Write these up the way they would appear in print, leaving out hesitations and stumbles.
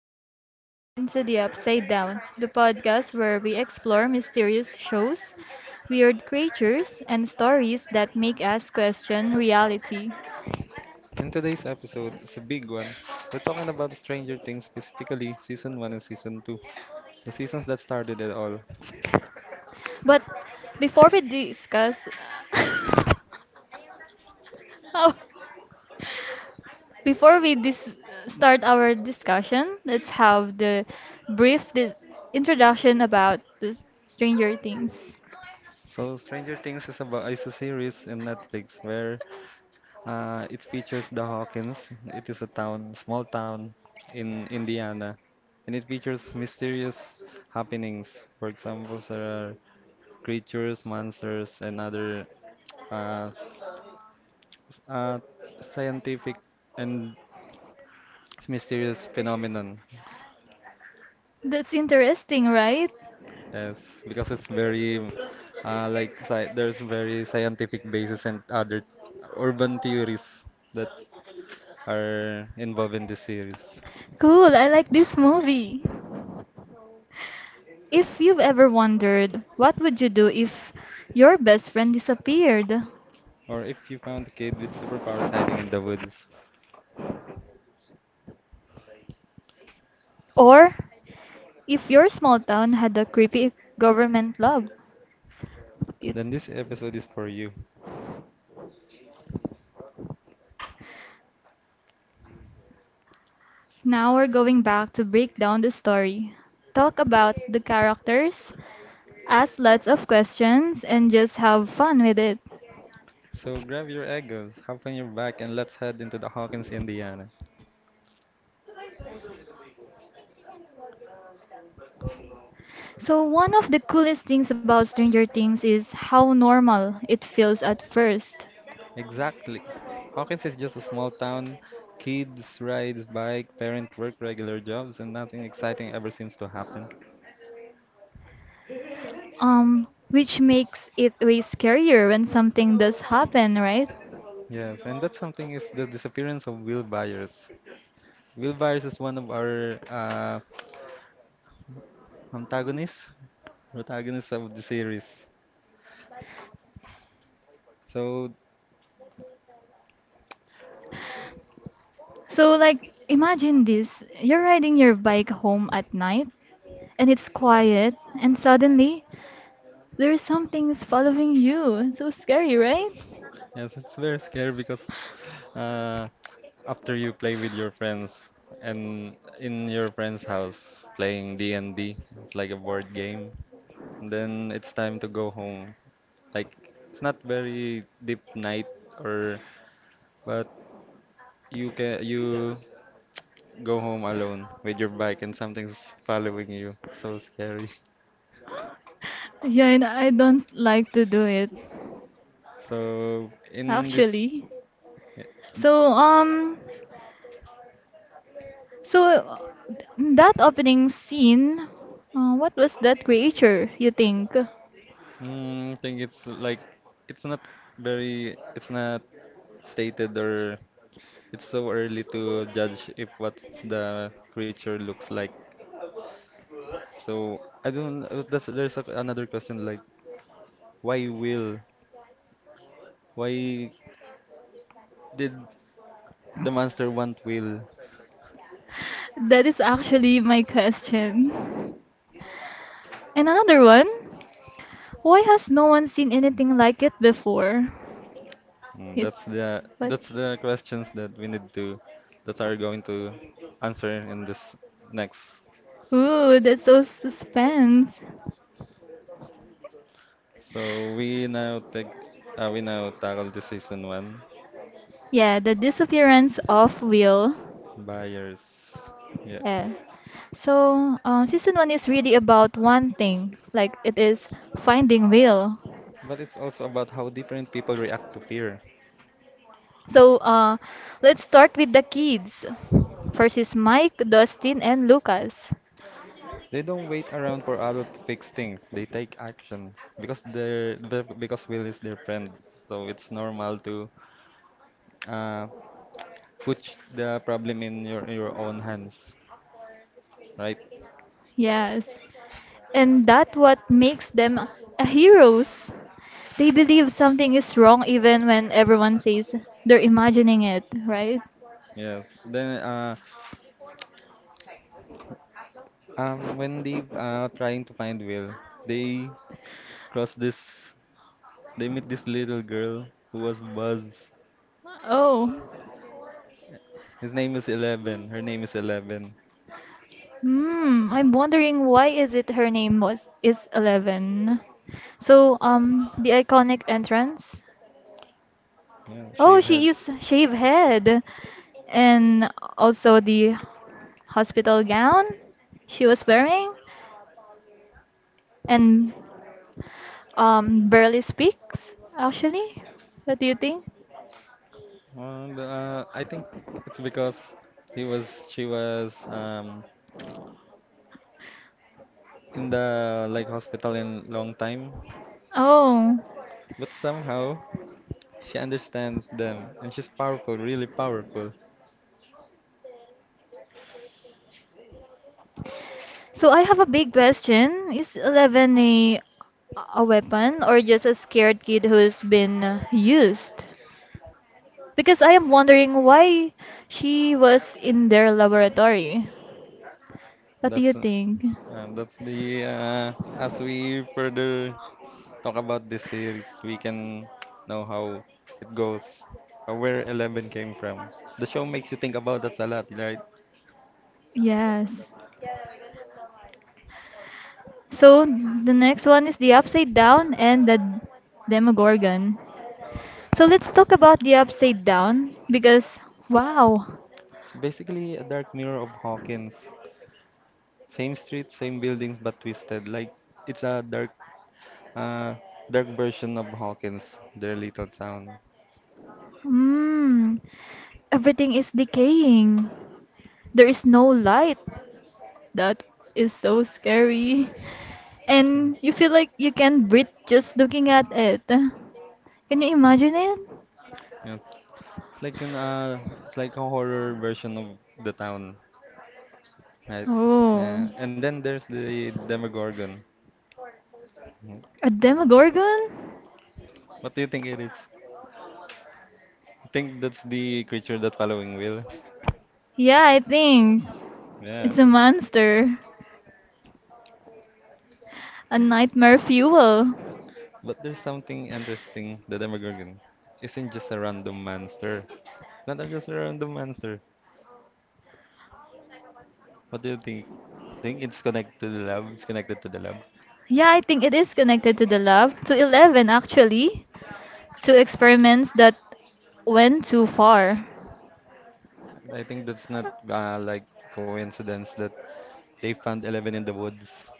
welcome back to Into the Upside Down, the podcast where we explore mysterious shows, weird creatures, and stories that make us question reality. And today's episode is a big one. We're talking about Stranger Things, specifically season 1 and season 2, the seasons that started it all. But before we discuss our- before we dis- start our discussion, let's have the brief di- introduction about the Stranger Things. So, Stranger Things is, about, is a series in Netflix where it features the Hawkins. It is a town, small town in Indiana, and it features mysterious happenings. For example, there are creatures, monsters, and other uh, s- uh, scientific and mysterious phenomenon. That's interesting, right? Yes, because it's very like sci there's very scientific basis and other urban theories that are involved in this series. Cool, I like this movie. If you've ever wondered what would you do if your best friend disappeared, Or if you found a kid with superpowers hiding in the woods, or if your small town had a creepy government lab. It, then this episode is for you. Now we're going back to break down the story. Talk about the characters, ask lots of questions, and just have fun with it. So grab your egos, hop on your back, and let's head into the Hawkins, Indiana. So one of the coolest things about Stranger Things is how normal it feels at first. Exactly. Hawkins is just a small town. Kids ride bike, parents work regular jobs, and nothing exciting ever seems to happen. Which makes it way scarier when something does happen, right? Yes, and that's something is the disappearance of Will Byers. Will Byers is one of our antagonists, protagonists of the series. So So, like, imagine this. You're riding your bike home at night, and it's quiet, and suddenly there's something is following you. So scary, right? yes, it's very scary because uh, after you play with your friends and in your friend's house playing D and D, it's like a board game. And then it's time to go home. Like it's not very deep night or, but you go home alone with your bike and something's following you. So scary. Yeah, and I don't like to do it, So in this actually. So, um, so uh, that opening scene, what was that creature, you think? Thing, it's like it's not it's not stated or it's so early to judge if what the creature looks like. So I don't. That's there's a, another question like why will why did the monster want Will? That is actually my question. And another one, why has no one seen anything like it before? It, but That's the questions that we need to that are going to answer in this next. Ooh, that's so suspense. So we now take we now tackle the season one Yeah, the disappearance of Will. buyers. Yeah, Yes. So, season one is really about one thing, like it is finding Will. but it's also about how different people react to fear. So, let's start with the kids. First is Mike, Dustin, and Lucas. They don't wait around for adults to fix things. They take action because they're because Will is their friend. So it's normal to uh, put the problem in your own hands, right? Yes. And that what makes them a heroes. They believe something is wrong even when everyone says they're imagining it, right? Yes. Then when they trying to find Will, they cross this they meet this little girl who was Buzz. Oh. His name is 11. Her name is 11. Hmm, I'm wondering why is it her name was is 11. So, the iconic entrance. Yeah, Oh, shapehead. she is shave head and also the hospital gown she was wearing. And barely speaks, actually. What do you think? And I think it's because he was she was in the like hospital in long time, Oh, but somehow. She understands them, and she's powerful, really powerful. so I have a big question. Is 11 a weapon or just a scared kid who's been used? Because I am wondering why she was in their laboratory. What do you That's uh, think? That's the As we further talk about this series, we can know how it goes, or where 11 came from. The show makes you think about that a lot, right? Yes. So the next one is the upside down and the Demogorgon. So let's talk about the upside down because wow. It's basically a dark mirror of Hawkins. Same streets, same buildings, but twisted. Like it's a uh, dark version of Hawkins, their little town. Hmm. Everything is decaying. There is no light. That is so scary. And you feel like you can't breathe just looking at it. Can you imagine it? Yeah. It's like an it's like a horror version of the town, right? Oh, Yeah. And then there's the Demogorgon. Yeah. a demogorgon? What do you think it is? I think that's the creature that following Will. Yeah, I think Yeah. it's a monster. A nightmare fuel. But there's something interesting. The Demogorgon isn't just a random monster. It's not just a random monster. What do you think? It's connected to the lab. Yeah, I think it is connected to the lab, to 11 actually, to experiments that went too far. I think that's not like coincidence that they found 11 in the woods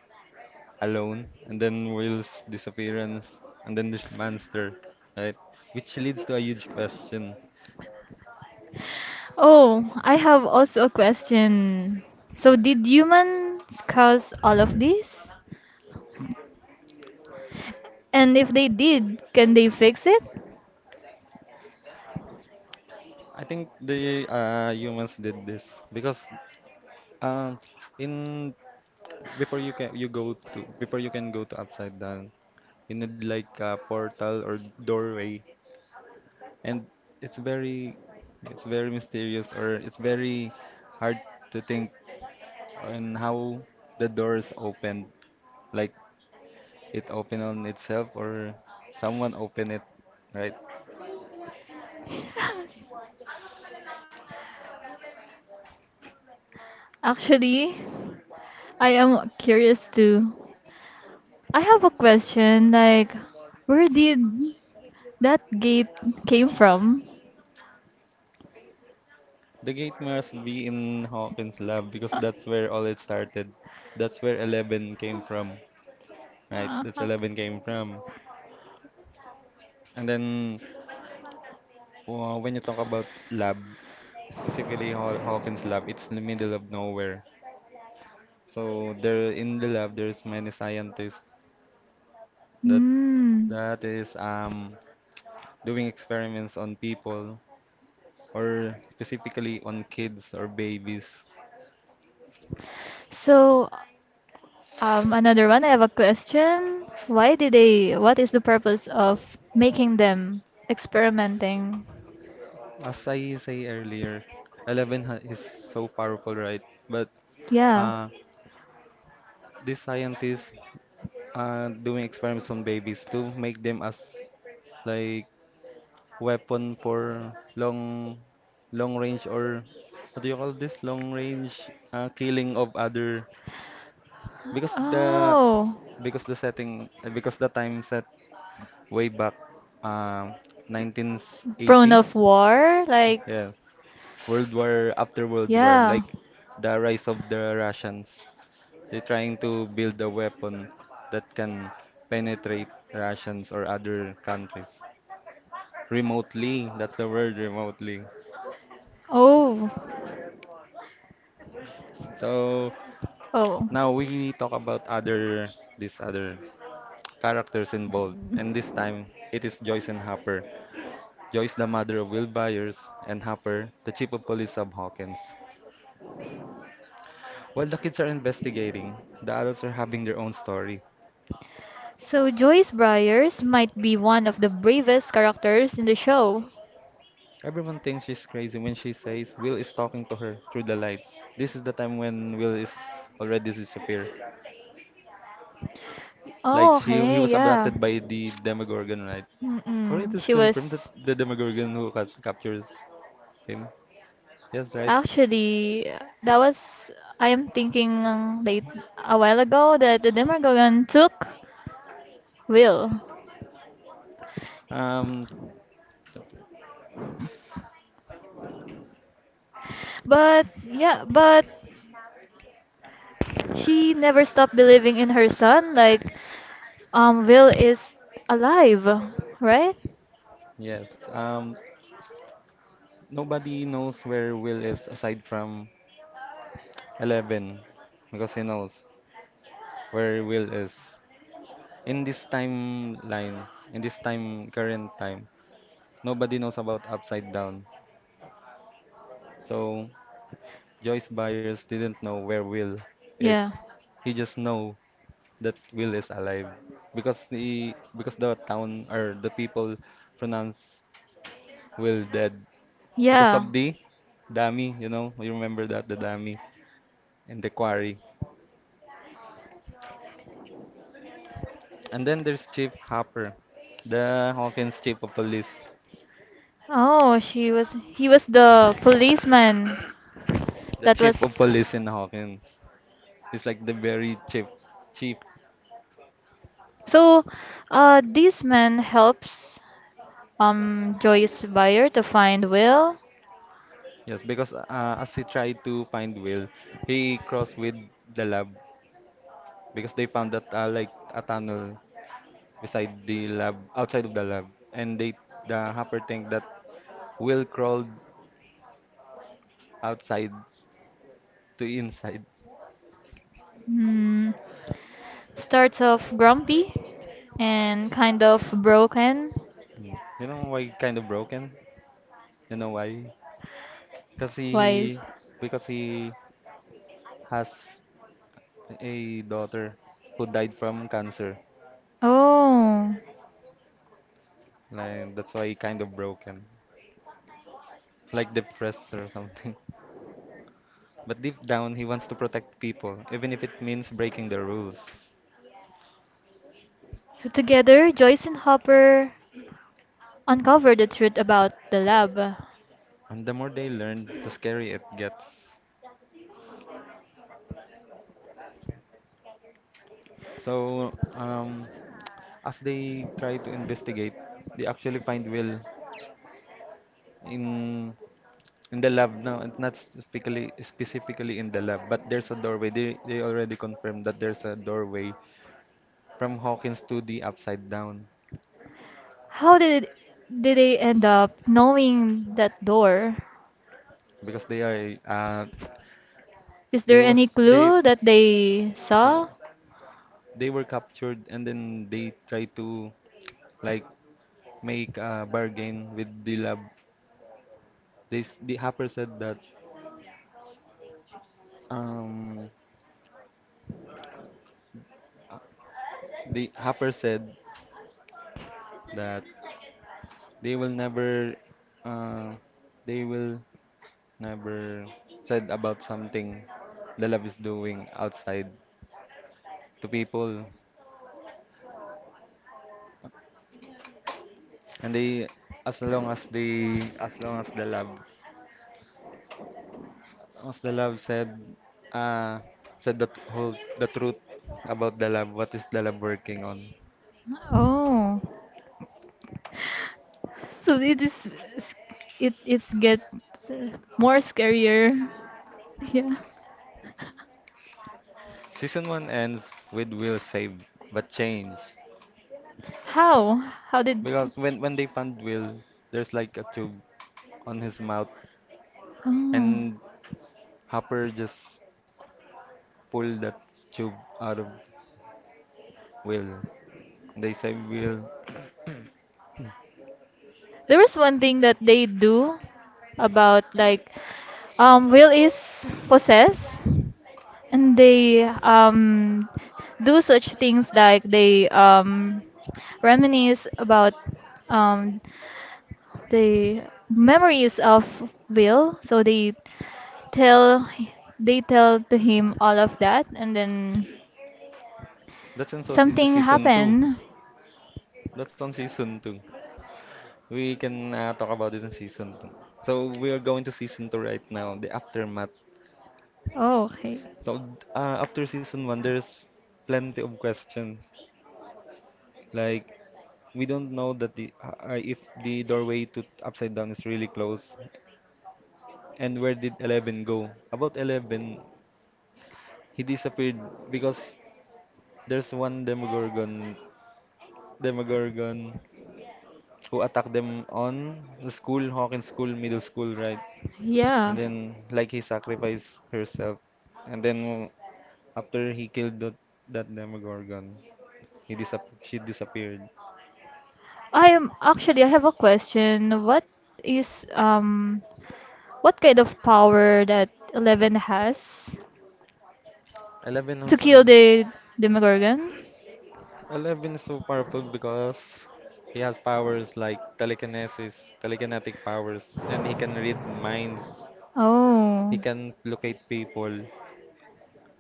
alone, and then Will's disappearance, and then this monster, right? Which leads to a huge question. Oh, I have also a question. So, did humans cause all of this? And if they did, can they fix it? I think the humans did this because um, in before you can go to upside down, you need like a portal or doorway, and it's very it's very mysterious or it's very hard to think on how the doors opened. Like it open on itself or someone open it, right? Actually, I am curious too. I have a question like, where did that gate came from? The gate must be in Hawkins' lab because that's where all it started. That's where 11 came from, right? That's 11 came from. And then when you talk about lab, specifically Hawkins' lab, it's in the middle of nowhere. So there in the lab, there's many scientists that Hmm. Is doing experiments on people or specifically on kids or babies. So, another one, I have a question. Why did they, what is the purpose of making them experimenting? As I say earlier, is so powerful, right? But Yeah. uh, these scientists are doing experiments on babies to make them as like weapon for long long range or what do you call this long range killing of other because Oh, the setting because the time set way back uh, prone 1980. of war? Like, Yes, World War after World War, yeah. like the rise of the Russians. They're trying to build a weapon that can penetrate Russians or other countries remotely. That's the word, remotely. Oh, So oh. now we talk about other these other characters involved, and this time it is Joyce and Hopper. Joyce, the mother of Will Byers, and Hopper, the chief of police of Hawkins. While the kids are investigating, the adults are having their own story. So Joyce Byers might be one of the bravest characters in the show. Everyone thinks she's crazy when she says Will is talking to her through the lights. This is the time when Will is already disappeared. Like Oh, she he okay, was yeah. abducted by the Demogorgon, right? Or it Mm-mm. is She confirmed that was. the Demogorgon who captures him. Yes, right? Actually, that was I am thinking late a while ago that the Demogorgon took Will. Um But she never stopped believing in her son. Like, Will is alive, right? yes. Um, nobody knows where Will is aside from 11 because he knows where Will is. In this timeline, in this time current time, nobody knows about Upside Down. So Joyce Byers didn't know where Will is. Yeah, He just know that Will is alive because the town or the people pronounce Will dead because yeah. of the dummy. You know, you remember that the dummy in the quarry. And then there's Chief Hopper, the Hawkins chief of police. Oh, she was. He was the policeman The that chief of was. police in Hawkins. He's like the very chief. So, this man helps Joyce Buyer to find Will. Yes, because as he tried to find Will, he crossed with the lab because they found that like a tunnel beside the lab, outside of the lab, and the hopper think that Will crawled outside to inside. Hmm. Starts off grumpy and kind of broken. Mm. You know why kind of broken? You know why? Because Why? Is... he because he has a daughter who died from cancer. Oh. Like that's why he kind of broken. It's like depressed or something. But deep down, he wants to protect people, even if it means breaking the rules. So together, Joyce and Hopper uncover the truth about the lab. And the more they learn, the scarier it gets. So, as they try to investigate, they actually find Will in the lab now, and not specifically in the lab, but there's a doorway. They already confirmed that there's a doorway from Hawkins to the Upside Down How did they end up knowing that door? because they are Is there they any was they clue that they no saw? they were captured and then they try to like make a bargain with the lab. This the Hopper said that um uh, the Hopper said that they will never uh they will never said about something the lab is doing outside to people and they as long as the lab as long the lab said uh said the truth about the lab, what is the lab working on. Oh. So it gets uh, more scarier. Yeah. Season 1 ends with Will saved but changed How? How did because when they found Will, there's like a tube on his mouth Oh. and Hopper just pulled that tube out of Will. They saved Will. There is one thing that they do about like will is possess, and they do such things like they reminisce about um the memories of will, so they tell tell to him all of that, and then That's in so se- something season 2. happened. That's on season 2. We can talk about this in season 2. So we are going to season 2 right now, the aftermath. Oh, okay. So after season 1 there's plenty of questions. Like we don't know that the if the doorway to upside down is really close, and where did 11 go. About 11, he disappeared because there's one demogorgon who attacked them on the school, hawkins school, middle school, right? And Yeah, then like he sacrificed herself, and then after he killed that, that demogorgon, she disappeared. I am actually I have a question. What is um what kind of power that 11 has 11 to was uh, kill the Demogorgon? 11 is so powerful because he has powers like telekinesis, telekinetic powers, and he can read minds. He Oh, can locate people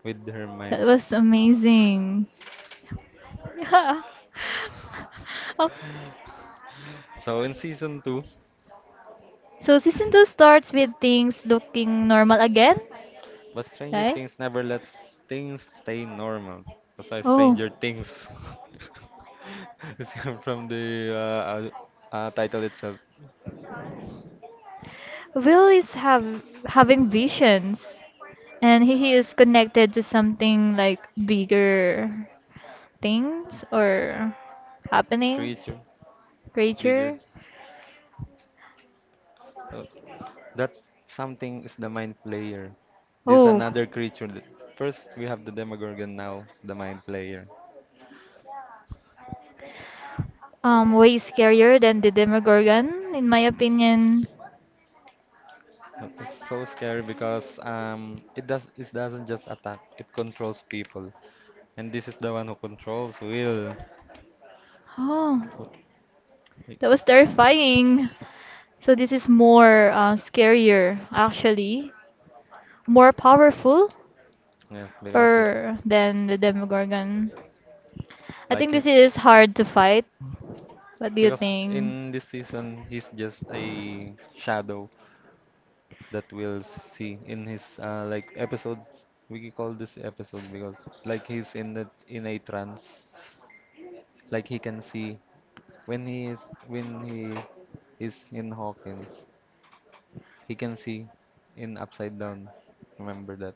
with her that mind. was amazing. Yeah. Oh, So in season two, so season two starts with things looking normal again, but Stranger right? Things never lets things stay normal. That's why Oh, Stranger Things is from the title itself. Will is have having visions, and he is connected to something like bigger. Things or happenings, Creature, bigger. creature. Uh, that something is the mind player. This Oh, another creature. First, we have the Demogorgon. Now, the mind player. Way scarier than the Demogorgon, in my opinion. It's so scary because it doesn't just attack. It controls people, and this is the one who controls will. Oh, Wh- that was terrifying. So this is more scarier, actually, more powerful, Yes, because or than the Demogorgon. I think this it, is hard to fight. What do you because think? in this season, he's just a shadow that we'll see in his like episodes. We call this episode because like he's in in a trance. Like he can see when he is when he is in Hawkins, he can see in upside down. Remember that.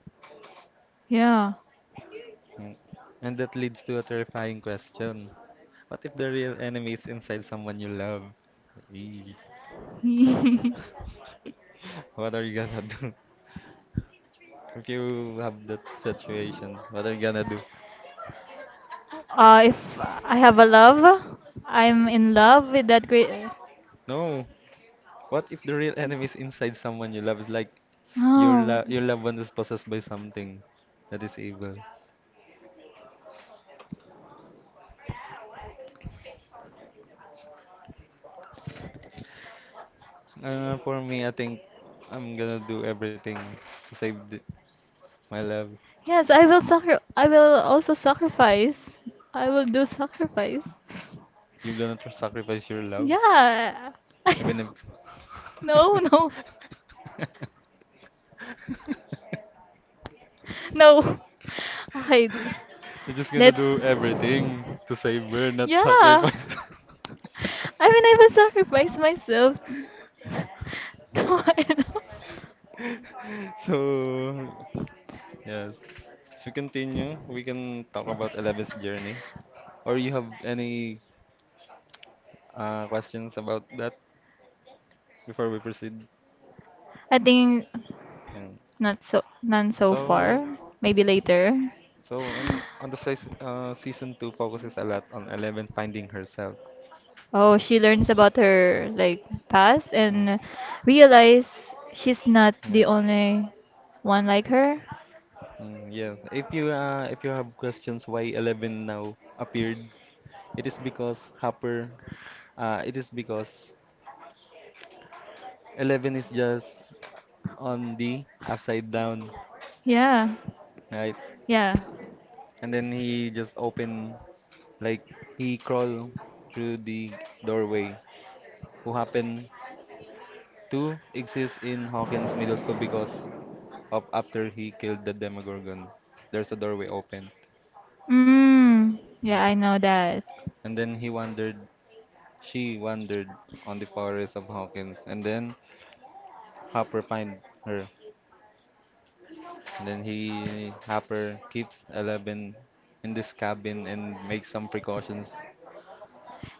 Yeah. Mm. And that leads to a terrifying question. What if the real enemy is inside someone you love? Eee. uh, What are you gonna do? If you have that situation, what are you gonna do? if I have a love, I'm in love with that great. No. What if the real enemy is inside someone you love? It's like Oh. Your loved one is possessed by something that is evil. For me, I think I'm gonna do everything to save my love. Yes, I will also sacrifice. I will do sacrifice. You're gonna tr sacrifice your love, Yeah. I even know. if No, no. No. Okay. you're just gonna Let's do everything to save her, not Yeah. sacrifice. I mean, I will sacrifice myself. No, I know. So. Yes. As we continue, we can talk about 11's journey. Or you have any questions about that before we proceed? I think Um, not so none so so, far. Maybe later. so on the season two focuses a lot on 11 finding herself. Oh, she learns about her like past, Mm, and realize she's not yeah. the only one like her. Mm, yes. If you have questions why 11 now appeared, it is because Hopper. It is because 11 is just on the upside down, Yeah. right? Yeah. And then he just opened, like, he crawled through the doorway, who happened to exist in Hawkins Middle School because of after he killed the Demogorgon. There's a doorway open. Mm. Yeah. Yeah, I know that. And then she wandered on the forest of Hawkins, and then Hopper find her. And then Hopper keeps 11 in this cabin and makes some precautions.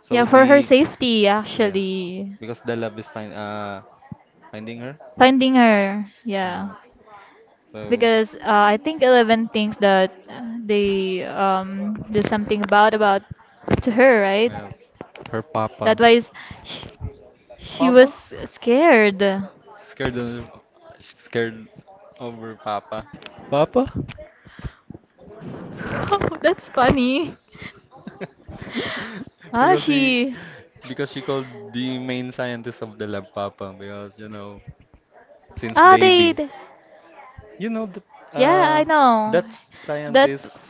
So Yeah, for her the, safety yes, actually. because the love is finding her. Finding her. Yeah. Hmm. So Because I think 11 thinks that they do something about to her, right? yeah, her papa. That why is she, she was Papa? scared. Scared of, scared over papa. Papa? Oh, that's funny. Ah, because he she. because she called the main scientist of the lab papa because, you know, since Ah, baby, you know, the Yeah, uh I know. that That scientist.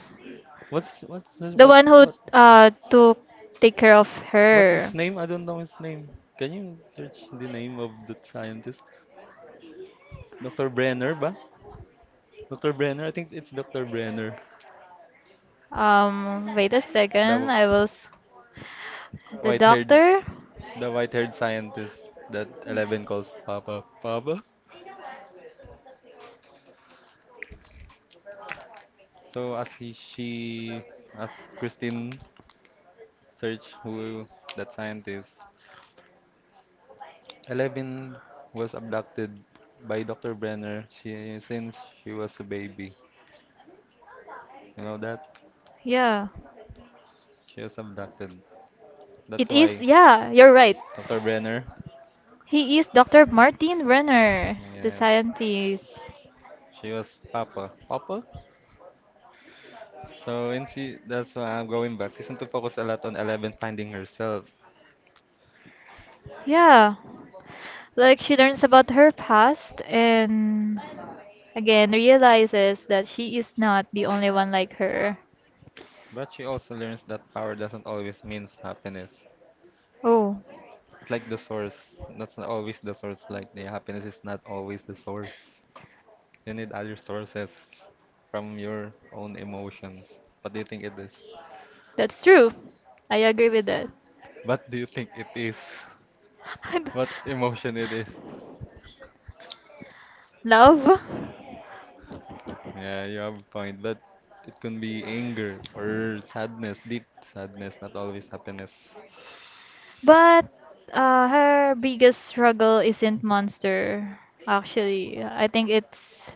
What's this, The the what's one who what who took take care of what's her. His her. name? I don't know his name. Can you search the name of the scientist? Dr. Brenner ba? Dr. Brenner, I think it's Dr. Brenner. Wait a The second. The white-haired doctor. White-haired scientist that 11 calls Papa. Papa? So as she, as Christine search who that scientist, 11 was abducted by Dr. Brenner since she was a baby. You know that? Yeah, She was abducted. That's it is. why Yeah, you're right. Dr. Brenner, He is Dr. Martin Renner, the yes, scientist. she was Papa. Papa? So that's why I'm going back. Season 2 focus a lot on 11 finding herself, Yeah, like she learns about her past and again realizes that she is not the only one like her. but she also learns that power doesn't always means happiness. Oh. It's like the source. That's not always the source. Like the happiness is not always the source. You need other sources from your own emotions. What do you think it is? That's true. I agree with that. What do you think it is? What emotion it is? Love? Yeah, you have a point, but it can be anger or sadness, deep sadness, not always happiness. But her biggest struggle isn't monster. Actually, I think it's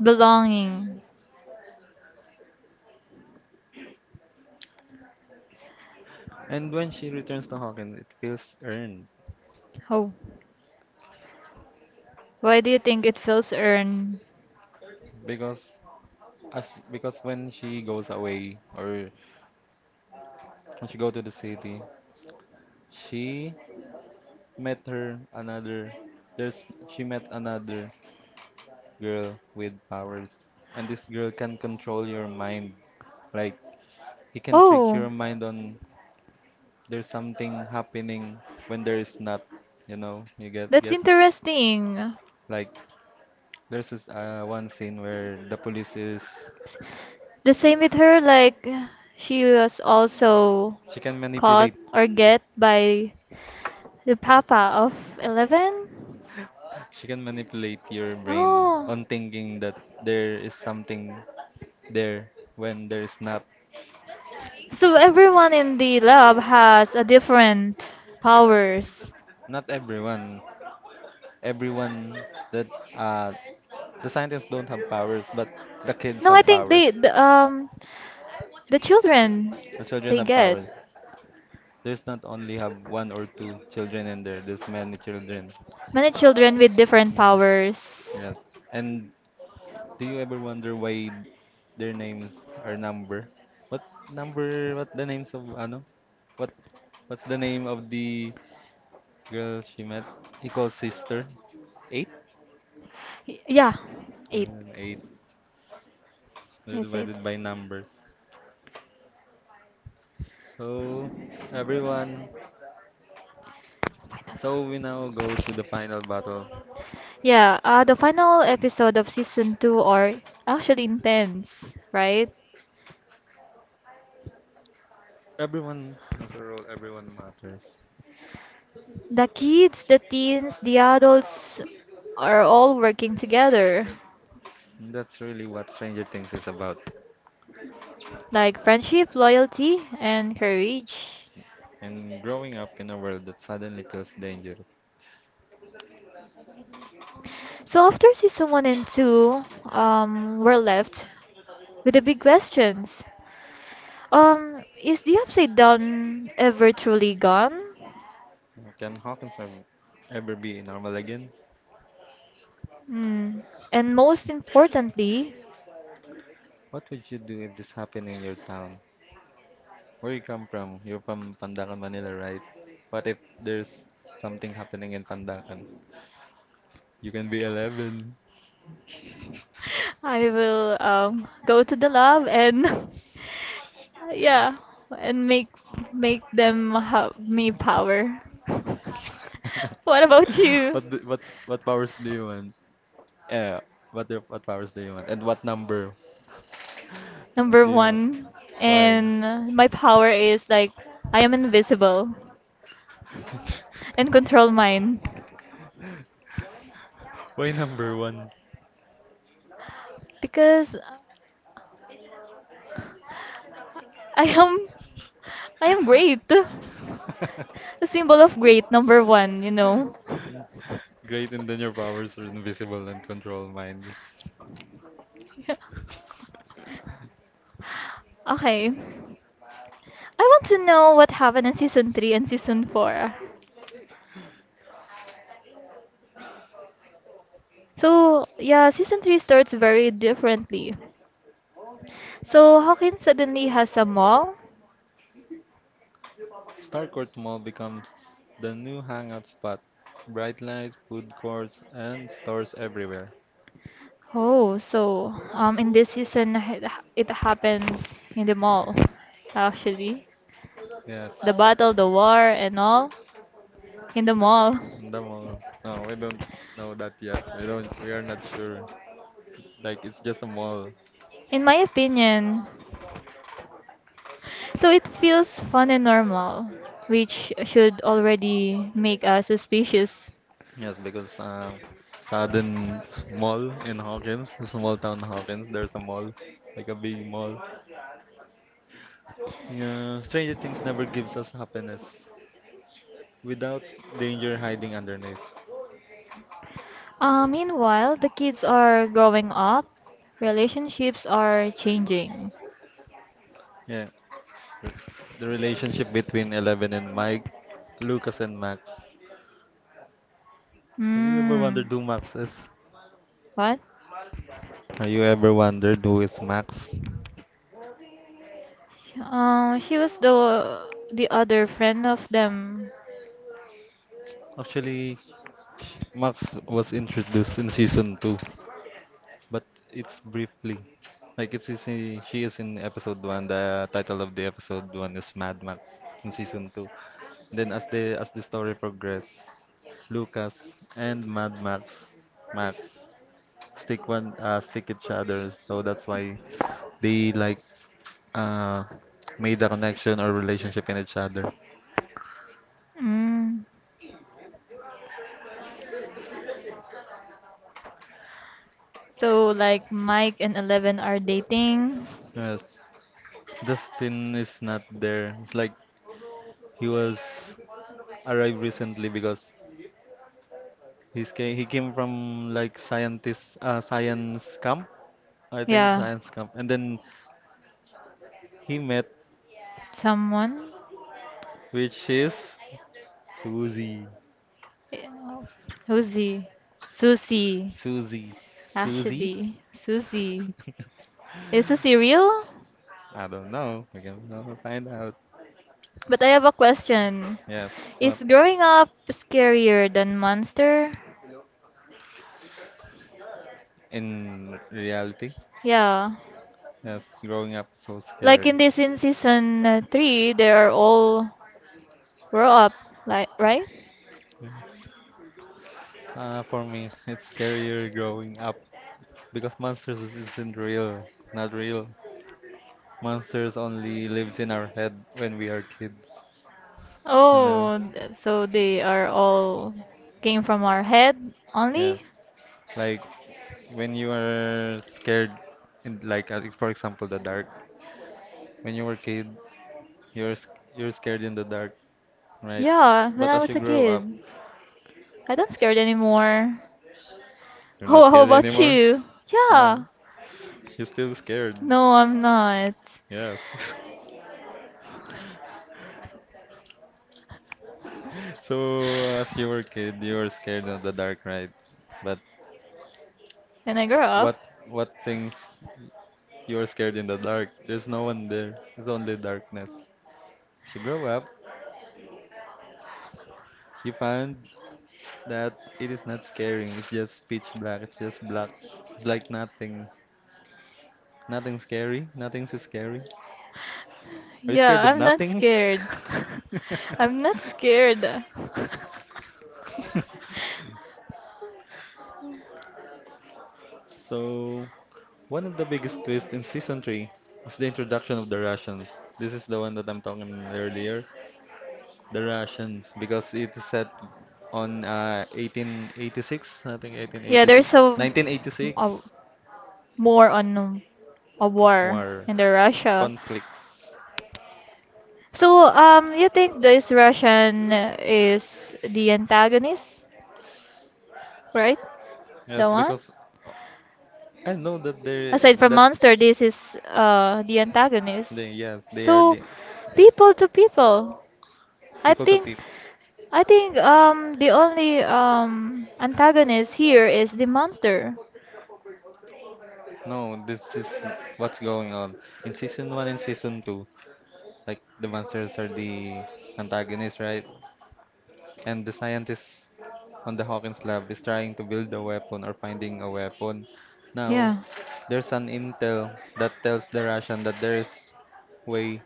belonging. And when she returns to Hawkins, it feels earned Oh, why do you think it feels earned? because, as because when she goes away or when she go to the city, she met her another. There's she met another girl with powers, and this girl can control your mind. Like, he can trick Oh, your mind on there's something happening when there is not. You know, you get that's gets interesting. like there's this one scene where the police is, The same with her, like she was also she can caught manipulate, or get by the papa of 11. she can manipulate your brain Oh. on thinking that there is something there when there is not. So everyone in the lab has a different powers. Not everyone. Everyone that, uh, the scientists don't have powers, but the kids No, I have think powers. The children The children they have get powers. There's not only have one or two children in there. There's many children. many children with different Hmm. powers. Yes. And do you ever wonder why their names are number? What number? What the names of ano? What, what's the name of the girl she met? He calls sister. Eight. Y- Yeah, eight. Eight. They're It's eight. divided by numbers. So everyone. So we now go to the final battle. Yeah, the final episode of season two are actually intense, right? Everyone has a role. Everyone matters. The kids, the teens, the adults are all working together, And that's really what Stranger Things is about. like friendship, loyalty, and courage. And growing up in a world that suddenly feels dangerous. So after season one and two, we're left with the big questions. Is the upside down ever truly gone? Can Hawkins ever be normal again? Hmm. And most importantly, What would you do if this happened in your town? Where you come from? You're from Pandacan, Manila, right? What if there's something happening in Pandacan? You can be 11. I will go to the lab and yeah, and make them have me power. What about you? What do, what powers do you want? Yeah, what powers do you want? And what number Number do you want? one, Why? and my power is like I am invisible and control mine Why number one? because I am I am great. A symbol of great, number one, you know. Great, and then your powers are invisible and control minds. Yeah. Okay. I want to know what happened in season 3 and season 4. So, yeah, season 3 starts very differently. So, Hawkins suddenly has a mall. Starcourt Mall becomes the new hangout spot. Bright lights, food courts, and stores everywhere. Oh, so in this season it happens in the mall actually. Yes. The battle, the war, and all in the mall. The mall. No, we don't know that yet. We don't. We are not sure. Like it's just a mall. In my opinion, so it feels fun and normal, which should already make us suspicious. Yes, because sudden mall in Hawkins, a small town Hawkins. There's a mall, like a big mall. Yeah, Stranger Things never gives us happiness without danger hiding underneath. Meanwhile, the kids are growing up, relationships are changing. Yeah, the relationship between 11 and Mike, Lucas and Max. Have you ever Hmm, wondered who Max is? what? Have you ever wondered who is Max? She was the other friend of them. Actually, Max was introduced in season two, but it's briefly. Like she is in episode one. The title of the episode one is Mad Max in season two. Then as the story progresses, Lucas and Mad Max, Max stick each other. So that's why they like uh made a connection or relationship in each other. Mm. So like Mike and 11 are dating. Yes. Dustin is not there. It's like he was arrived recently because he came from like scientist science camp, I think Yeah, science camp, and then he met, someone. which is Susie, Eh, who's he? Susie. Susie, Susie. Actually, Susie. Is Susie real? I don't know. We can find out. But I have a question. Yes, but Is growing up scarier than Monster? in reality, Yeah. yes, growing up is so Like in scary. this in season three, they are all grow up, like right? Yes. For me, it's scarier growing up because isn't real, not real. Monsters only lives in our head when we are kids, you know? Oh, so they are all came from our head only? Yes. Like when you are scared in like for example the dark. When you were kid, you're you're scared in the dark, right? Yeah, when But I as was you a grow up, kid. I don't scared anymore. you're not How scared about anymore. you? No, Yeah. you're still scared. No, I'm not. Yes. So as you were kid, you were scared of the dark, right? But When I grow up, what what things you are scared in the dark. There's no one there. It's only darkness. As you grow up, you find that it is not scary. It's just pitch black. It's just black. It's like nothing. Nothing scary. Nothing's scary. Are you scared yeah, of I'm not nothing? scared. I'm not scared. So, one of the biggest twists in season 3 is the introduction of the Russians. This is the one that I'm talking earlier. The Russians, because it is set on 1886, I think Yeah, there's 1886, so. Oh, 1986 more on a war war in the Russia. conflicts. So, you think this Russian is the antagonist, right? Yes, The one? because I know Aside from that monster, this is the they antagonist. yes, they are So, the people to people. I people to think people. I think the only antagonist here is the monster. No, this is what's going on in season one and season two. Like the monsters are the antagonists, right? And the scientists on the Hawkins lab is trying to build a weapon or finding a weapon. Now, Yeah. there's an intel that tells the Russian that there is way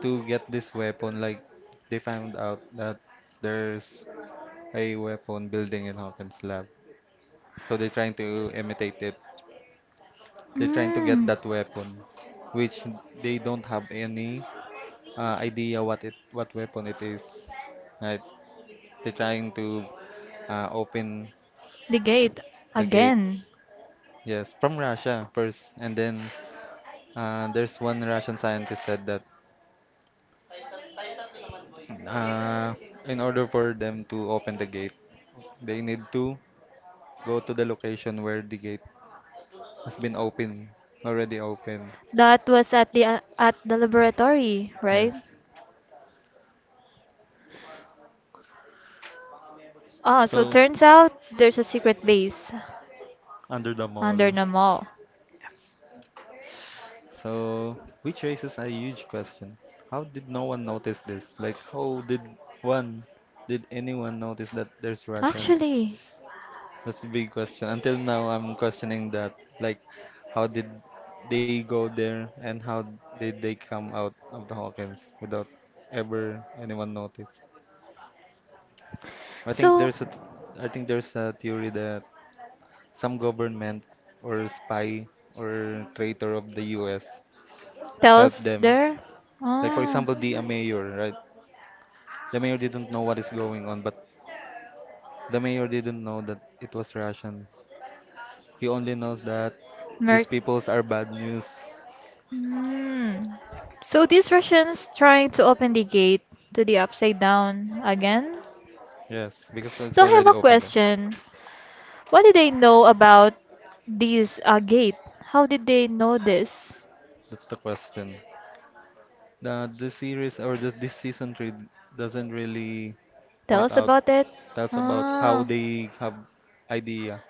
to get this weapon. Like they found out that there's a weapon building in Hawkins lab, so they're trying to imitate it. They're trying to get Mm, that weapon, which they don't have any idea what weapon it is. Right? They're trying to open the gate the gate. again. Yes, from Russia first. And then there's one Russian scientist said that uh, in order for them to open the gate, they need to go to the location where the gate has been open, already open. That was at the laboratory, right? Yes. Ah, so So, turns out there's a secret base under the under mall. the mall. So, which raises a huge question. How did no one notice this? Like, how did one, did anyone notice that there's Russians? Actually, That's a big question. Until now, I'm questioning that. Like, how did they go there and how did they come out of the Hawkins without ever anyone notice? I think so there's a, I think there's a theory that some government or spy or traitor of the US tells helped them. there. Like for Ah, example, the mayor, right? The mayor didn't know what is going on, but the mayor didn't know that it was Russian. He only knows that these Merc. peoples are bad news. Hmm. So these Russians trying to open the gate to the upside down again. Yes, because it's So I have already a open there. question. What did they know about this gate? How did they know this? That's the question. The series or this season three doesn't really Tell point us out about it. tells about how Ah, they have idea.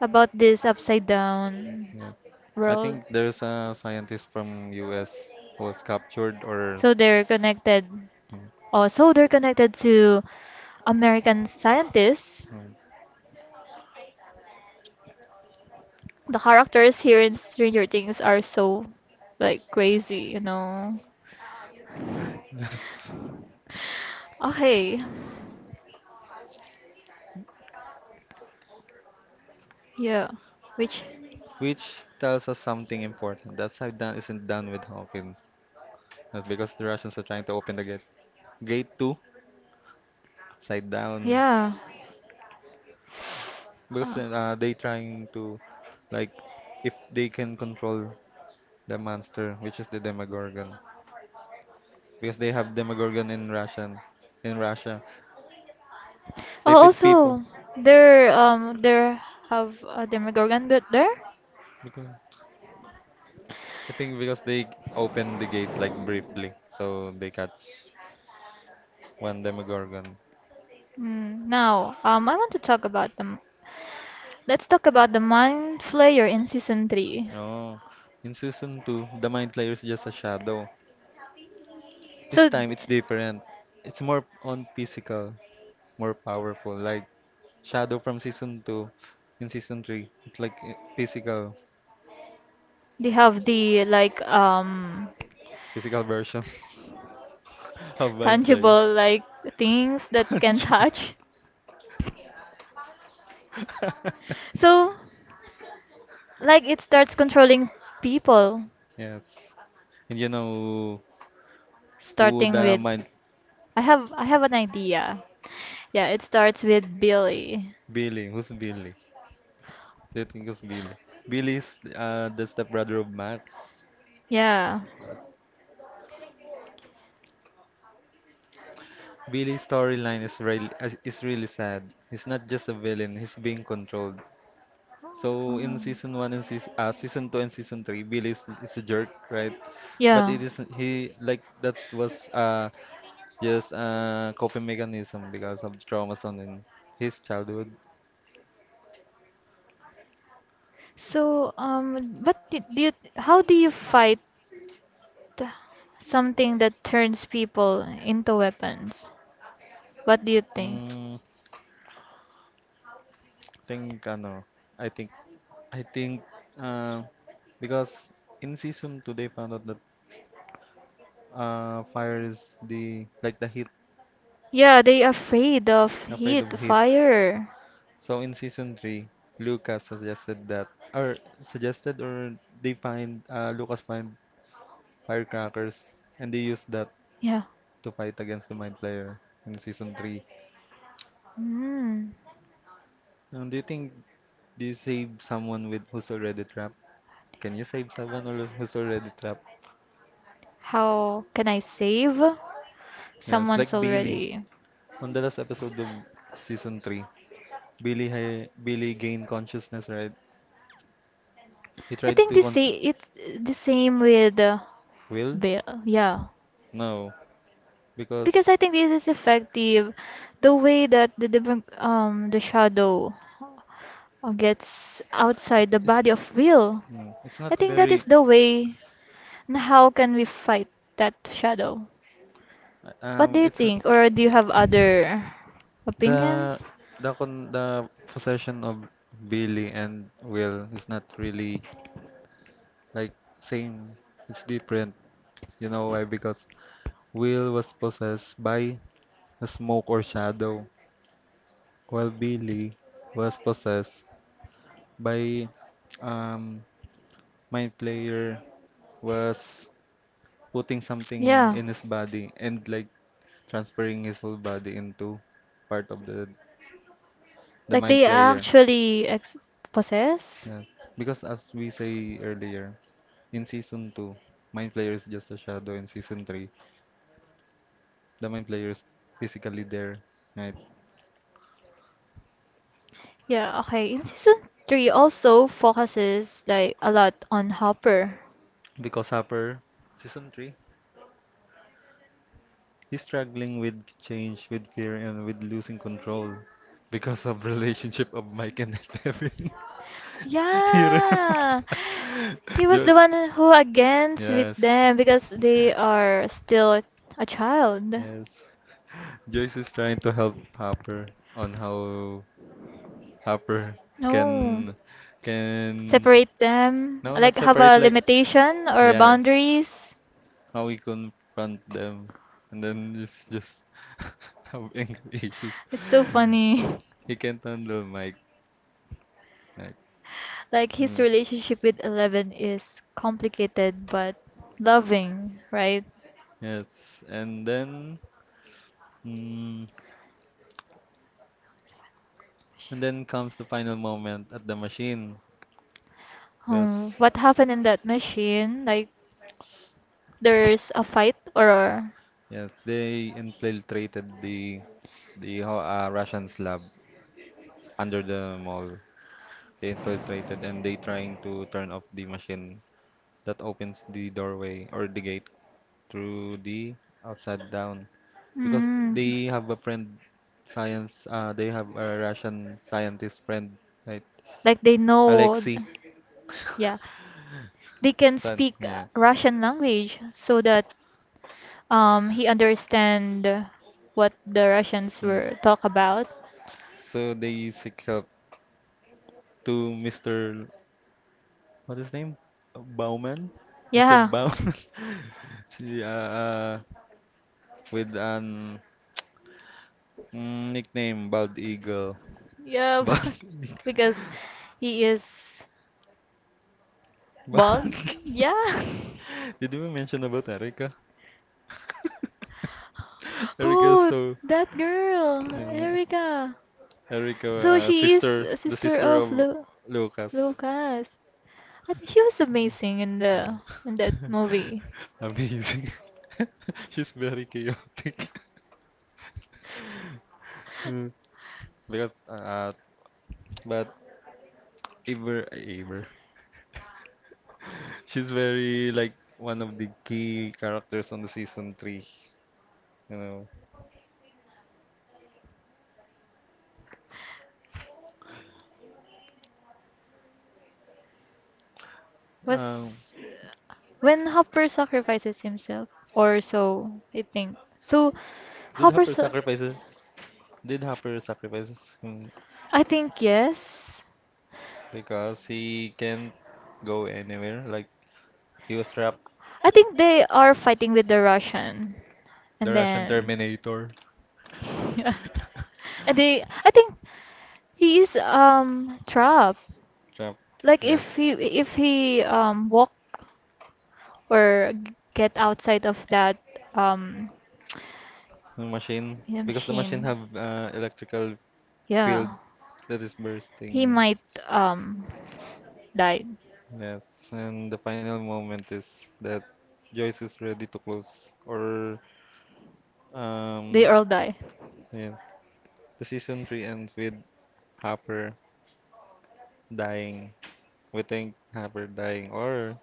about this upside down Yes. I world. think there's a scientist from US who was captured or So they're connected. mm, Oh, so they're connected to American scientists. mm. The characters here in Stranger Things are so like crazy, you know. Yes. Okay. Yeah. Which? Which tells us something important. That Saidan isn't done with Hawkins. That's because the Russians are trying to open the gate. Gate 2, upside down. Yeah. Because Uh, they trying to, like, if they can control the monster, which is the Demogorgon. Because they have Demogorgon in Russian. In Russia, they oh, feed people. also, there have a Demogorgon bit there. Because, I think because they open the gate, like, briefly. So they catch one Demogorgon. Mm, now, I want to talk about them. Let's talk about the Mind Flayer in season three. Oh. In season 2, the Mind Flayer is just a shadow. This So, time it's different. It's more on physical, more powerful. Like shadow from season two, in season three, it's like physical, they have the like physical version of Mind Flayer. tangible like things that can Punchable. touch. So like it starts controlling people, Yes. And you know who starting the with— Mind. I have an idea. Yeah, it starts with Billy. Billy? Who's Billy? Do you think it's Billy? Billy's the stepbrother of Max. Yeah. Uh, Billy's storyline is really sad. He's not just a villain. He's being controlled. So in Um, season one and season two and season three, Billy is a jerk, right? But yeah. it is he like that was just a coping mechanism because of traumas on in his childhood. So but do, do you how do you fight something that turns people into weapons? What do you think? Mm, think ano, I think I think uh, because in season two they found out that fire is the like the heat, Yeah, they afraid of afraid of heat, heat. fire. So in season three, Lucas suggested that, or suggested, or they find Lucas find firecrackers, and they use that Yeah. to fight against the mind player in season three. Hmm. Now, do you save someone with who's already trapped? Can you save someone or who's already trapped? How can I save? Yes, Someone's like Billy. already. On the last episode of season three, Billy gained consciousness, right? He I tried think to they say it's the same with will? Bill. Yeah. No, because Because I think this is effective, the way that the shadow gets outside the body of Will. It's I not think that very is the way. And how can we fight that shadow? What do um you it's n- think? Or do you have other the opinions? the con the possession of Billy and Will is not really like same. It's different. You know why? Because Will was possessed by a smoke or shadow, while Billy was possessed by um my player was putting something Yeah. in his body and like transferring his whole body into part of the Like main they Player. actually ex possess? Yes. Because as we say earlier, in season 2, main Player is just a shadow. In season 3, the main Player is physically there, right? Yeah, okay. In season 3 also focuses like a lot on Hopper. Because Hopper, season 3, he's struggling with change, with fear, and with losing control because of relationship of Mike and Evan. You remember? Yeah. He was Jo- the one who against with yes, them because they are still a child. yes. Joyce is trying to help Hopper on how Harper No. can can Separate them. no not Like have separate a like limitation or yeah boundaries. how we confront them, and then it's just have anger issues. It's so funny. He can't handle my like Like his mm, relationship with Eleven is complicated but loving, right? yes and then mm, and then comes the final moment at the machine because What happened in that machine? Like there's a fight or— yes they infiltrated the Russians lab under the mall. They infiltrated and they trying to turn off the machine that opens the doorway or the gate through the upside down because mm, they have a friend science they have a Russian scientist friend, right? like they know, Alexei yeah, they can son, speak yeah. Russian language so that he understand what the Russians Mm. were talk about. So they seek help to Mr., what is his name, Bauman. Mr. Yeah, Bauman See, with an nickname Bald Eagle. yeah, Bald but Eagle. because he is bald. Bald. Yeah. Did we mention about Erica? Erica, Oh, so that girl, yeah, Erica. Erica, So she is sister, a the sister sister of of Lu Lucas. Lucas. I think she was amazing in Mm. the in that movie. Amazing. She's very chaotic. Mm. because but Iver Iver. She's very like one of the key characters on the season 3, you know. Was Um when Hopper sacrifices himself, or so I think. Did Hopper, Hopper sa- sacrifices? Did Hopper sacrifices him I think yes. because he can't go anywhere? Like he was trapped. I think they are fighting with the Russian, The and Russian then Terminator. yeah, and they. I think he is trapped. Trapped. Like Yes. if he walk or get outside of that um The machine. yeah, Because the machine machine, have electrical field yeah. that is He bursting. might um die. Yes. And the final moment is that Joyce is ready to close. Or They um all die. yeah. The season three ends with Hopper dying. We think Hopper dying or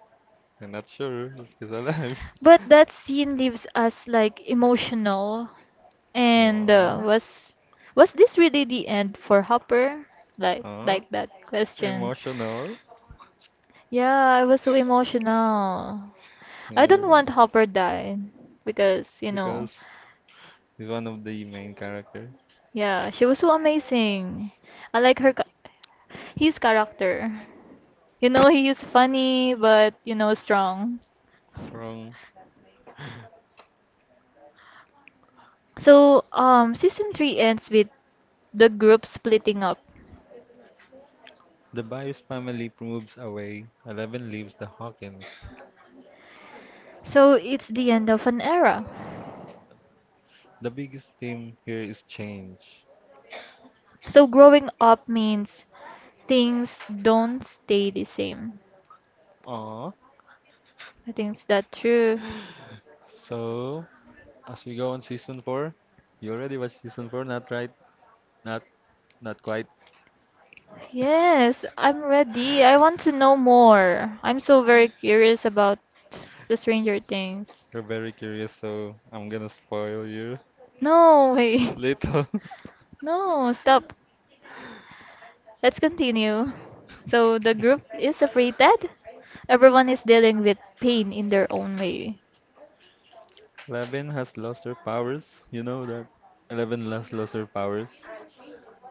I'm not sure if he's alive. But that scene leaves us like emotional, and Aww, was this really the end for Hopper? Like aww, like that questions. emotional. Yeah, I was so emotional. I Yeah, don't want Hopper die because, you know, because he's one of the main characters. yeah, she was so amazing. I like his character. You know, he is funny but strong. Strong. So, season 3 ends with the group splitting up. The Bios family moves away. Eleven leaves the Hawkins. So, it's the end of an era. The biggest theme here is change. So, growing up means things don't stay the same. Aww. I think is that true. So, as we go on season four, you already watched season four, not right? Not, not quite. Yes, I'm ready. I want to know more. I'm so very curious about the Stranger Things. You're very curious, so I'm gonna spoil you No way. little. No, stop. Let's continue. So the group is separated. Everyone is dealing with pain in their own way. Eleven has lost her powers. You know that. Eleven has lost her powers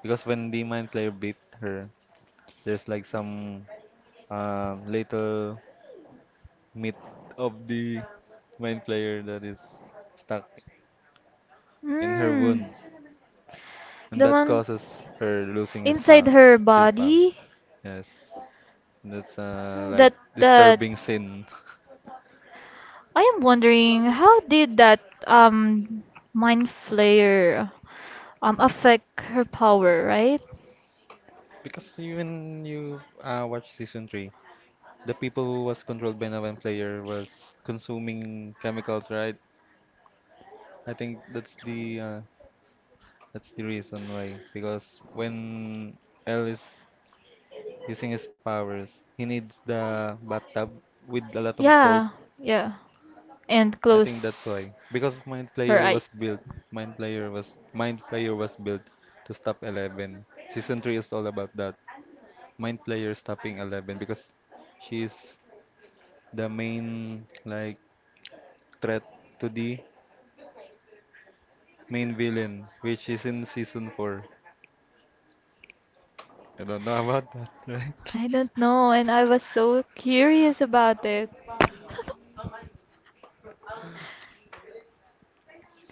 because when the mind player beat her, there's like some little meat of the mind player that is stuck in her Hmm. wound, and The that one causes her losing his inside power. her She's power. body— Yes, that's like that that disturbing sin. I am wondering how did that um mind flayer affect her power, right? Because even you watch season three, the people who was controlled by Navan player was consuming chemicals, right? I think that's the reason why because when L is using his powers, he needs the bathtub with a lot of salt. Yeah, yeah. And I think that's close why because Mind her Flayer eyes. was built. Mind Flayer was built to stop Eleven. Season three is all about that. Mind Flayer stopping Eleven because she's the main like threat to the main villain, which is in season four. I don't know about that, right? I don't know, and I was so curious about it. I don't know.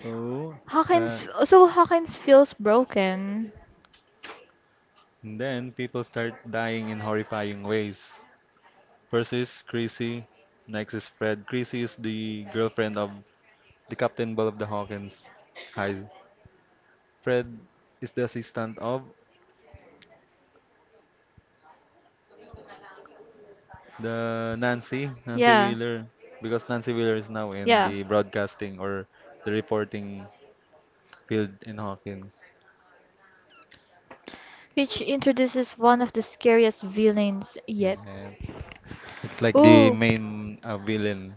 So uh, Hawkins feels broken. then people start dying in horrifying ways. First is Chrissy, next is Fred. Chrissy is the girlfriend of the Captain Ball of the Hawkins. Hi. Fred is the assistant of Nancy Yeah, Wheeler, because Nancy Wheeler is now in yeah. the broadcasting or the reporting field in Hawkins. Which introduces one of the scariest villains yet. Yeah, it's like the Ooh, main villain,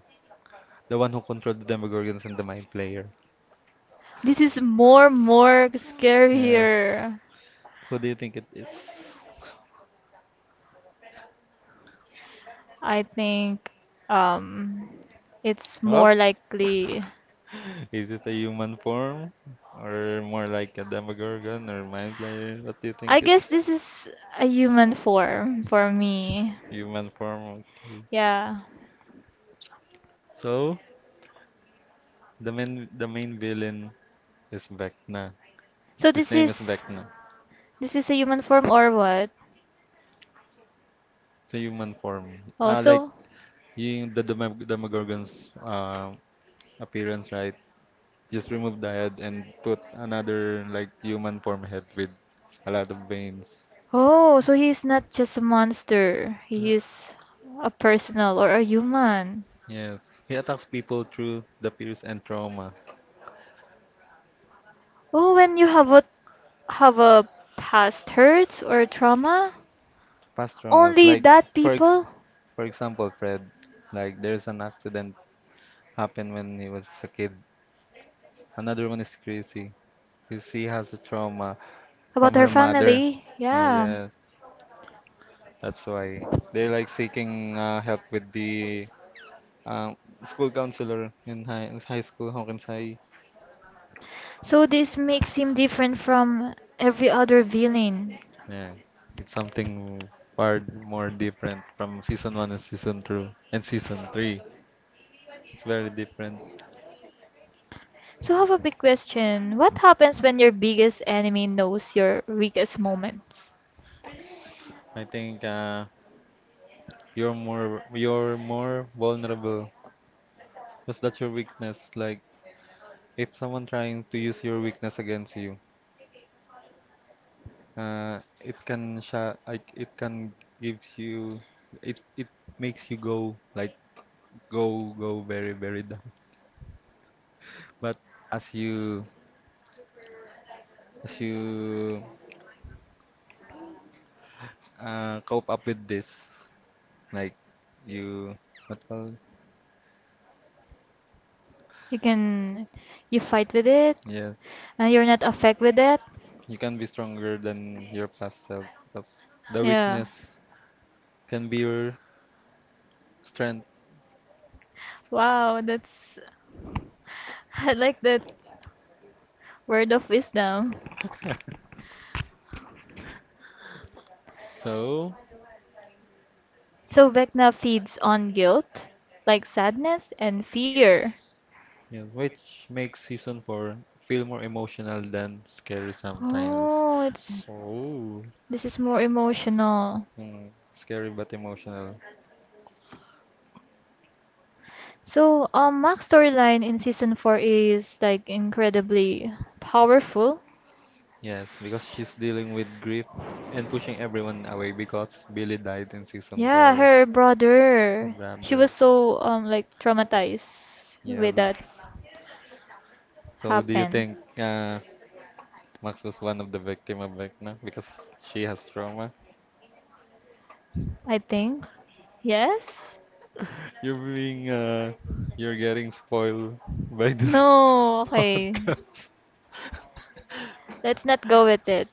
the one who controlled the Demogorgons and the Mind Flayer. this is more Yes. scarier. Who do you think it is? I think, um, it's Oh, more likely. is it a human form or more like a demogorgon or mind player? What do you I think it guess is? this is a human form for me. Human form. Okay. Yeah. So the main villain is Vecna. So His this name is is. Vecna. This is a human form or what? It's a human form. Oh, Like so yung the demogorgon's appearance, right? Just remove the head and put another like human form head with a lot of veins. oh, so he's not just a monster. He is a personal or a human. Yes, he attacks people through the fears and trauma, Oh, when you have a past hurts or trauma, past traumas. only Like that for ex people for example, Fred, like there's an accident happened when he was a kid. Another one is Chrissy. Chrissy has a trauma from about her her mother. family. Oh Yeah. yes, that's why they're like seeking help with the um, school counselor in high school Hokkensai. So this makes him different from every other villain. Yeah, it's something far more different from season one and season two and season three. It's very different. So, I have a big question. What happens when your biggest enemy knows your weakest moments? I think you're more vulnerable because that's your weakness. Like if someone trying to use your weakness against you, it can sha like it can gives you it it makes you go like go go very very down. But as you as you cope up with this, like you what call You can, you fight with it, yeah and you're not affected with it. you can be stronger than your past self because the Yeah. weakness can be your strength. Wow, I like that word of wisdom. So, So, Vecna feeds on guilt, like sadness and fear. yes, which makes season four feel more emotional than scary sometimes. Oh, it's Oh, this is more emotional. Scary but emotional. So, Mac's storyline in season 4 is like incredibly powerful. Yes, because she's dealing with grief and pushing everyone away because Billy died in season Yeah, four. her brother. She Rather, was so like traumatized yes. with that So, do you happen. think Max was one of the victim of Vecna because she has trauma? I think. Yes? You're being uh, you're getting spoiled by this No, okay. podcast. Let's not go with it.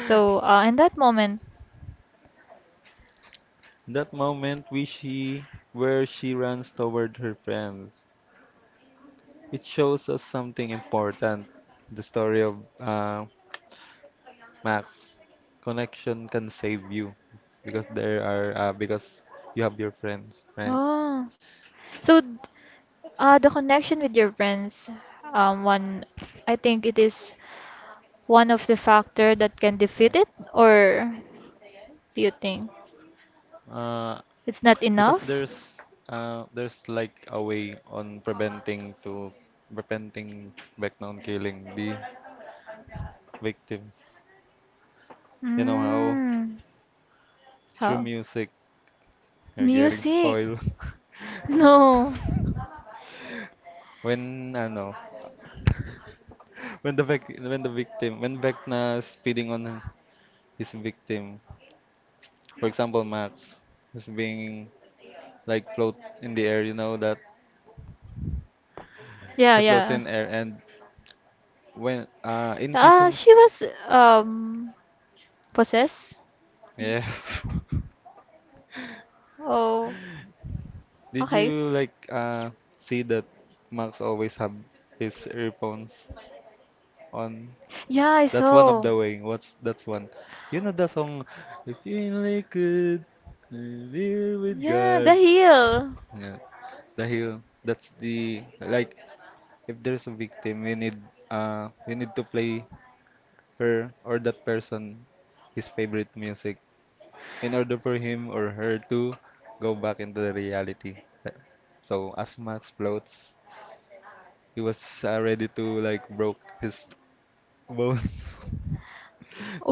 So, in that moment, That moment, where she runs toward her friends, it shows us something important. The story of Max. Connection can save you because there are because you have your friends, right? oh, so d- the connection with your friends, one, I think it is one of the factor that can Yeah. defeat it, or do you think Uh, it's not because enough? There's like a way on preventing background killing the victims. You know how, Mm, through how? music. You're getting Music? spoiled. No. When ano, when when Vecna's feeding on his victim, for example, Max is being like float in the air, you know that Yeah, he floats yeah. in air, and when in season, She was um possessed. yes. Oh, Did okay. you like see that Max always have his earphones on? Yeah, I That's one of saw. the way. What's that's one. You know the song "If you only could live with Yeah, the God". heel. Yeah, the hero. That's the like if there's a victim, we need to play her or that person his favorite music in order for him or her to go back into the reality. Uh, So as Max floats, he was ready to like broke his bones.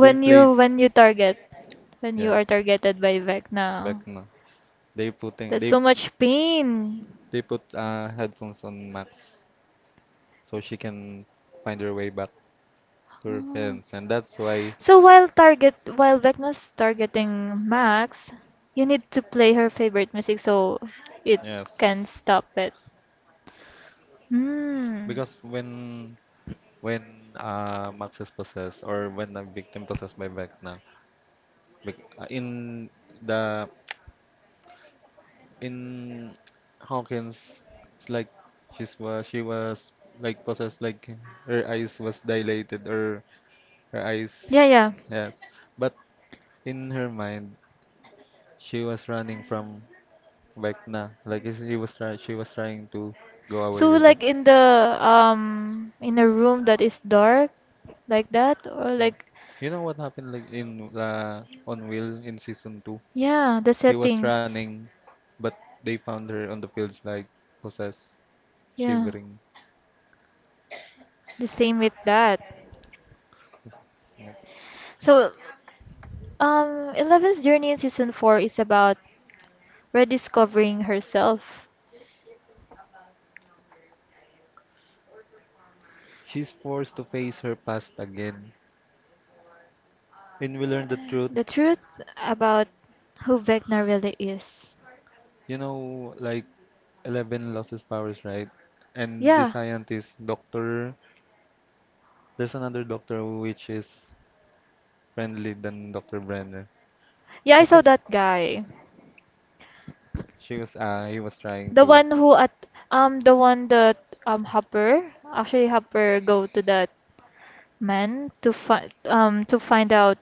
They played, you when you target, when you are yes, targeted by Vecna. Beckman. They putting That's they so much pain. they put headphones on Max so she can find her way back. To your, Ah. and that's why So while Vecna's targeting Max, you need to play her favorite music so it yes, can stop it. Hmm. because when Max is possessed or when a victim possessed by Vecna, in the in Hawkins, it's like she was like possessed, like her eyes was dilated or her eyes, Yeah, yeah. yes, but in her mind she was running from Vecna, he was try she was trying to go away So with it. like in the in a room that is dark like that, or Mm. like— You know what happened like in on Will in season two? yeah, the He was settings. running, but they found her on the fields like possessed, Yeah. shivering. The same with that. Yes. So Eleven's journey in season 4 is about rediscovering herself. She's forced to face her past again. When we learn the truth, The truth about who Vecna really is. you know, like Eleven lost his powers, right? And the Yeah. scientist, Doctor, there's another doctor which is friendly than Doctor Brenner. Yeah, I I saw can't. that guy. He was trying The to. one who at the one that Hopper, actually, Hopper go to that man to find to find out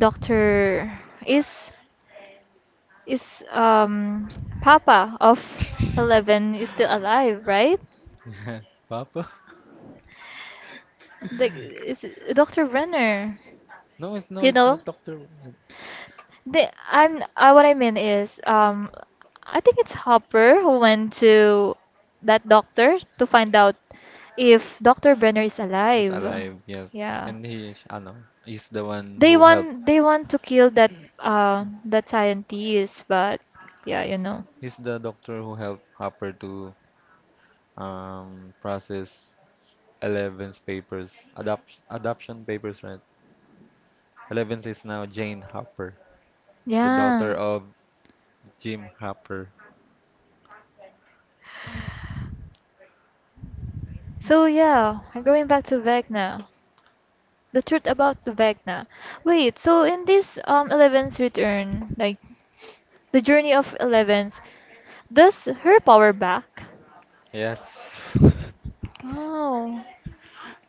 Doctor— is. is Papa of Eleven is still alive, right? Papa? Like Dr. Brenner. No, You it's know, not Doctor. Wu. the I'm what I mean is I think it's Hopper who went to that doctor to find out if Dr. Brenner is He's alive. alive, yes, Yeah. and he's the one They who helped. want they want to kill that scientist, but yeah, you know. He's the doctor who helped Hopper to process Eleven's papers, adoption papers, right? Eleven's is now Jane Hopper, the Yeah. daughter of Jim Hopper. So yeah, going back to Vecna, the truth about the Vecna. Wait, so in this Eleven's return, like the journey of Eleven's, does her power back? Yes. Oh,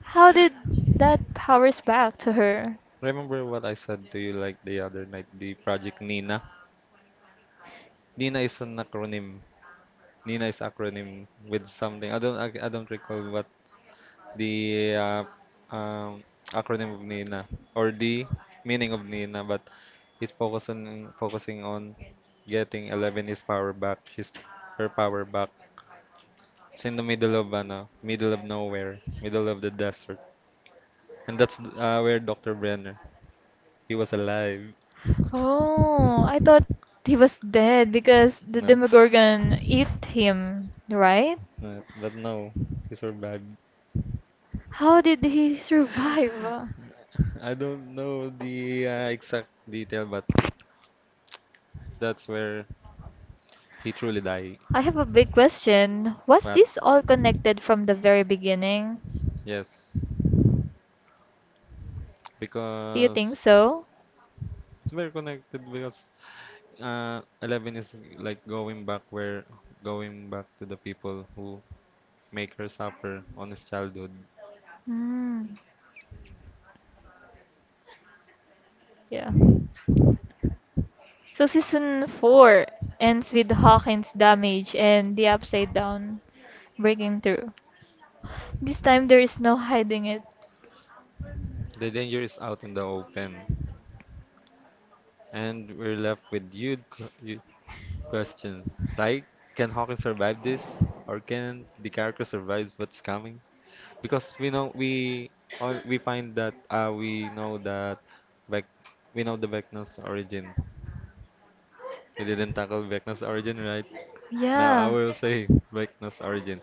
how did that powers back to her? Remember what I said to you like the other night, the Project Nina? Nina is an acronym. Nina is acronym with something. I don't recall what the um, acronym of Nina or the meaning of Nina, but it's focusing on getting 11 is power back. She's her power back. It's in the middle of nowhere, middle of the desert, and that's where Dr. Brenner. He was alive. Oh, I thought he was dead because the No, Demogorgon eat him, right? but no, he survived. How did he survive? I don't know the exact detail, but that's where he truly died. I have a big question. Was But this all connected from the very beginning? yes, Do you think because so? it's very connected because Eleven is like going back to the people who make her suffer on his childhood. Mm, yeah. So season 4 ends with Hawkins' damage and the upside down breaking through. This time there is no hiding it. The danger is out in the open, and we're left with huge questions like, can Hawkins survive this, or can the character survive what's coming? Because we find that Vec we know the Vecna's origin. We didn't tackle Vecna's origin, right? Now I Yeah. will say Vecna's origin.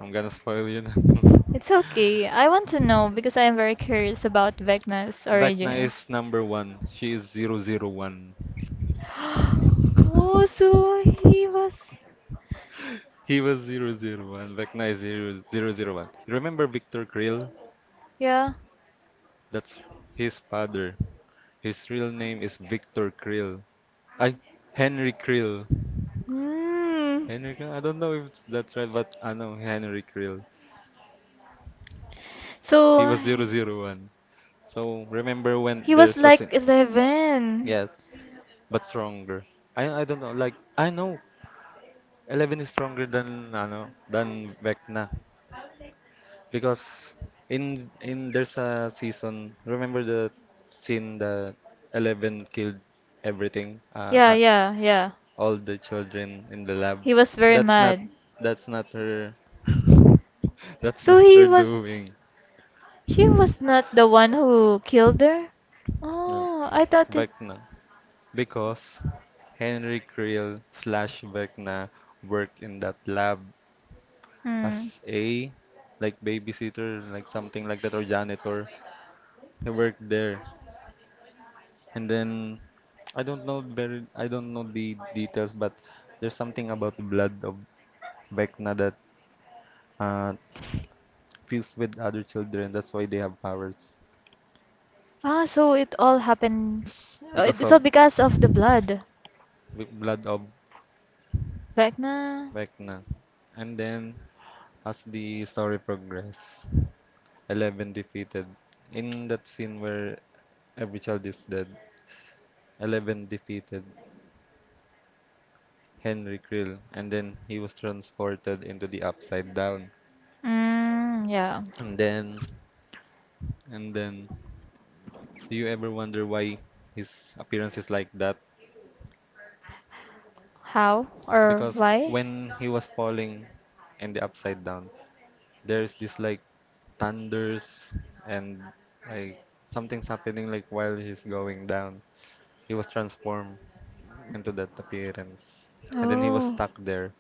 I'm gonna spoil you now. It's okay. I want to know because I am very curious about Vecna's Vecna origins. is number one. She is 001. Oh, so he was. He was 001. Vecna is 0001. You remember Victor Krill? Yeah. That's his father. His real name is Victor Krill. I, Henry Krill. Hmm. Henrik, I don't know if that's right, but I know Henry Krill. He So was 001. So remember when he was there's a like sin? 11. Yes, but stronger. I don't know. Like I know, Eleven is stronger than ano than Vecna. Because in there's a season. Remember the scene that Eleven killed everything, Yeah, yeah, yeah. all the children in the lab. He was very That's not mad. that's not her. That's So not he her was doing. She was not the one who killed her? No. Oh, I thought it. Vecna. Because Henry Creel slash Vecna worked in that lab Hmm. as a like babysitter, like something like that, or janitor. He worked there. And then I don't know the details, but there's something about the blood of Vecna that uh, fused with other children. That's why they have powers Ah, so it all happens. Because It's of all because of the blood. the blood of Vecna. Vecna. And then as the story progressed, Eleven defeated. In that scene where every child is dead, Eleven defeated Henry Krill, and then he was transported into the upside down. Mm, yeah. And then And then, do you ever wonder why his appearance is like that? How or Because why? when he was falling in the upside down, there's this like thunders and like something's happening like while he's going down. He was transformed into that appearance. And then he was Oh. stuck there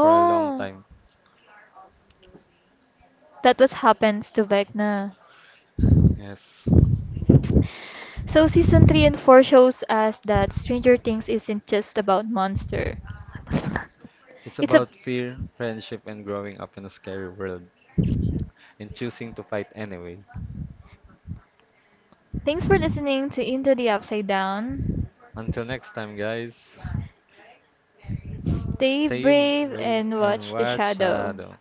for a long time. That was happens to Vecna. Yes. So season 3 and 4 shows us that Stranger Things isn't just about monster. It's It's a about fear, friendship, and growing up in a scary world and choosing to fight anyway. Thanks for listening to Into the Upside Down. Until next time, guys. Stay Stay brave brave and and watch the watch shadow. shadow.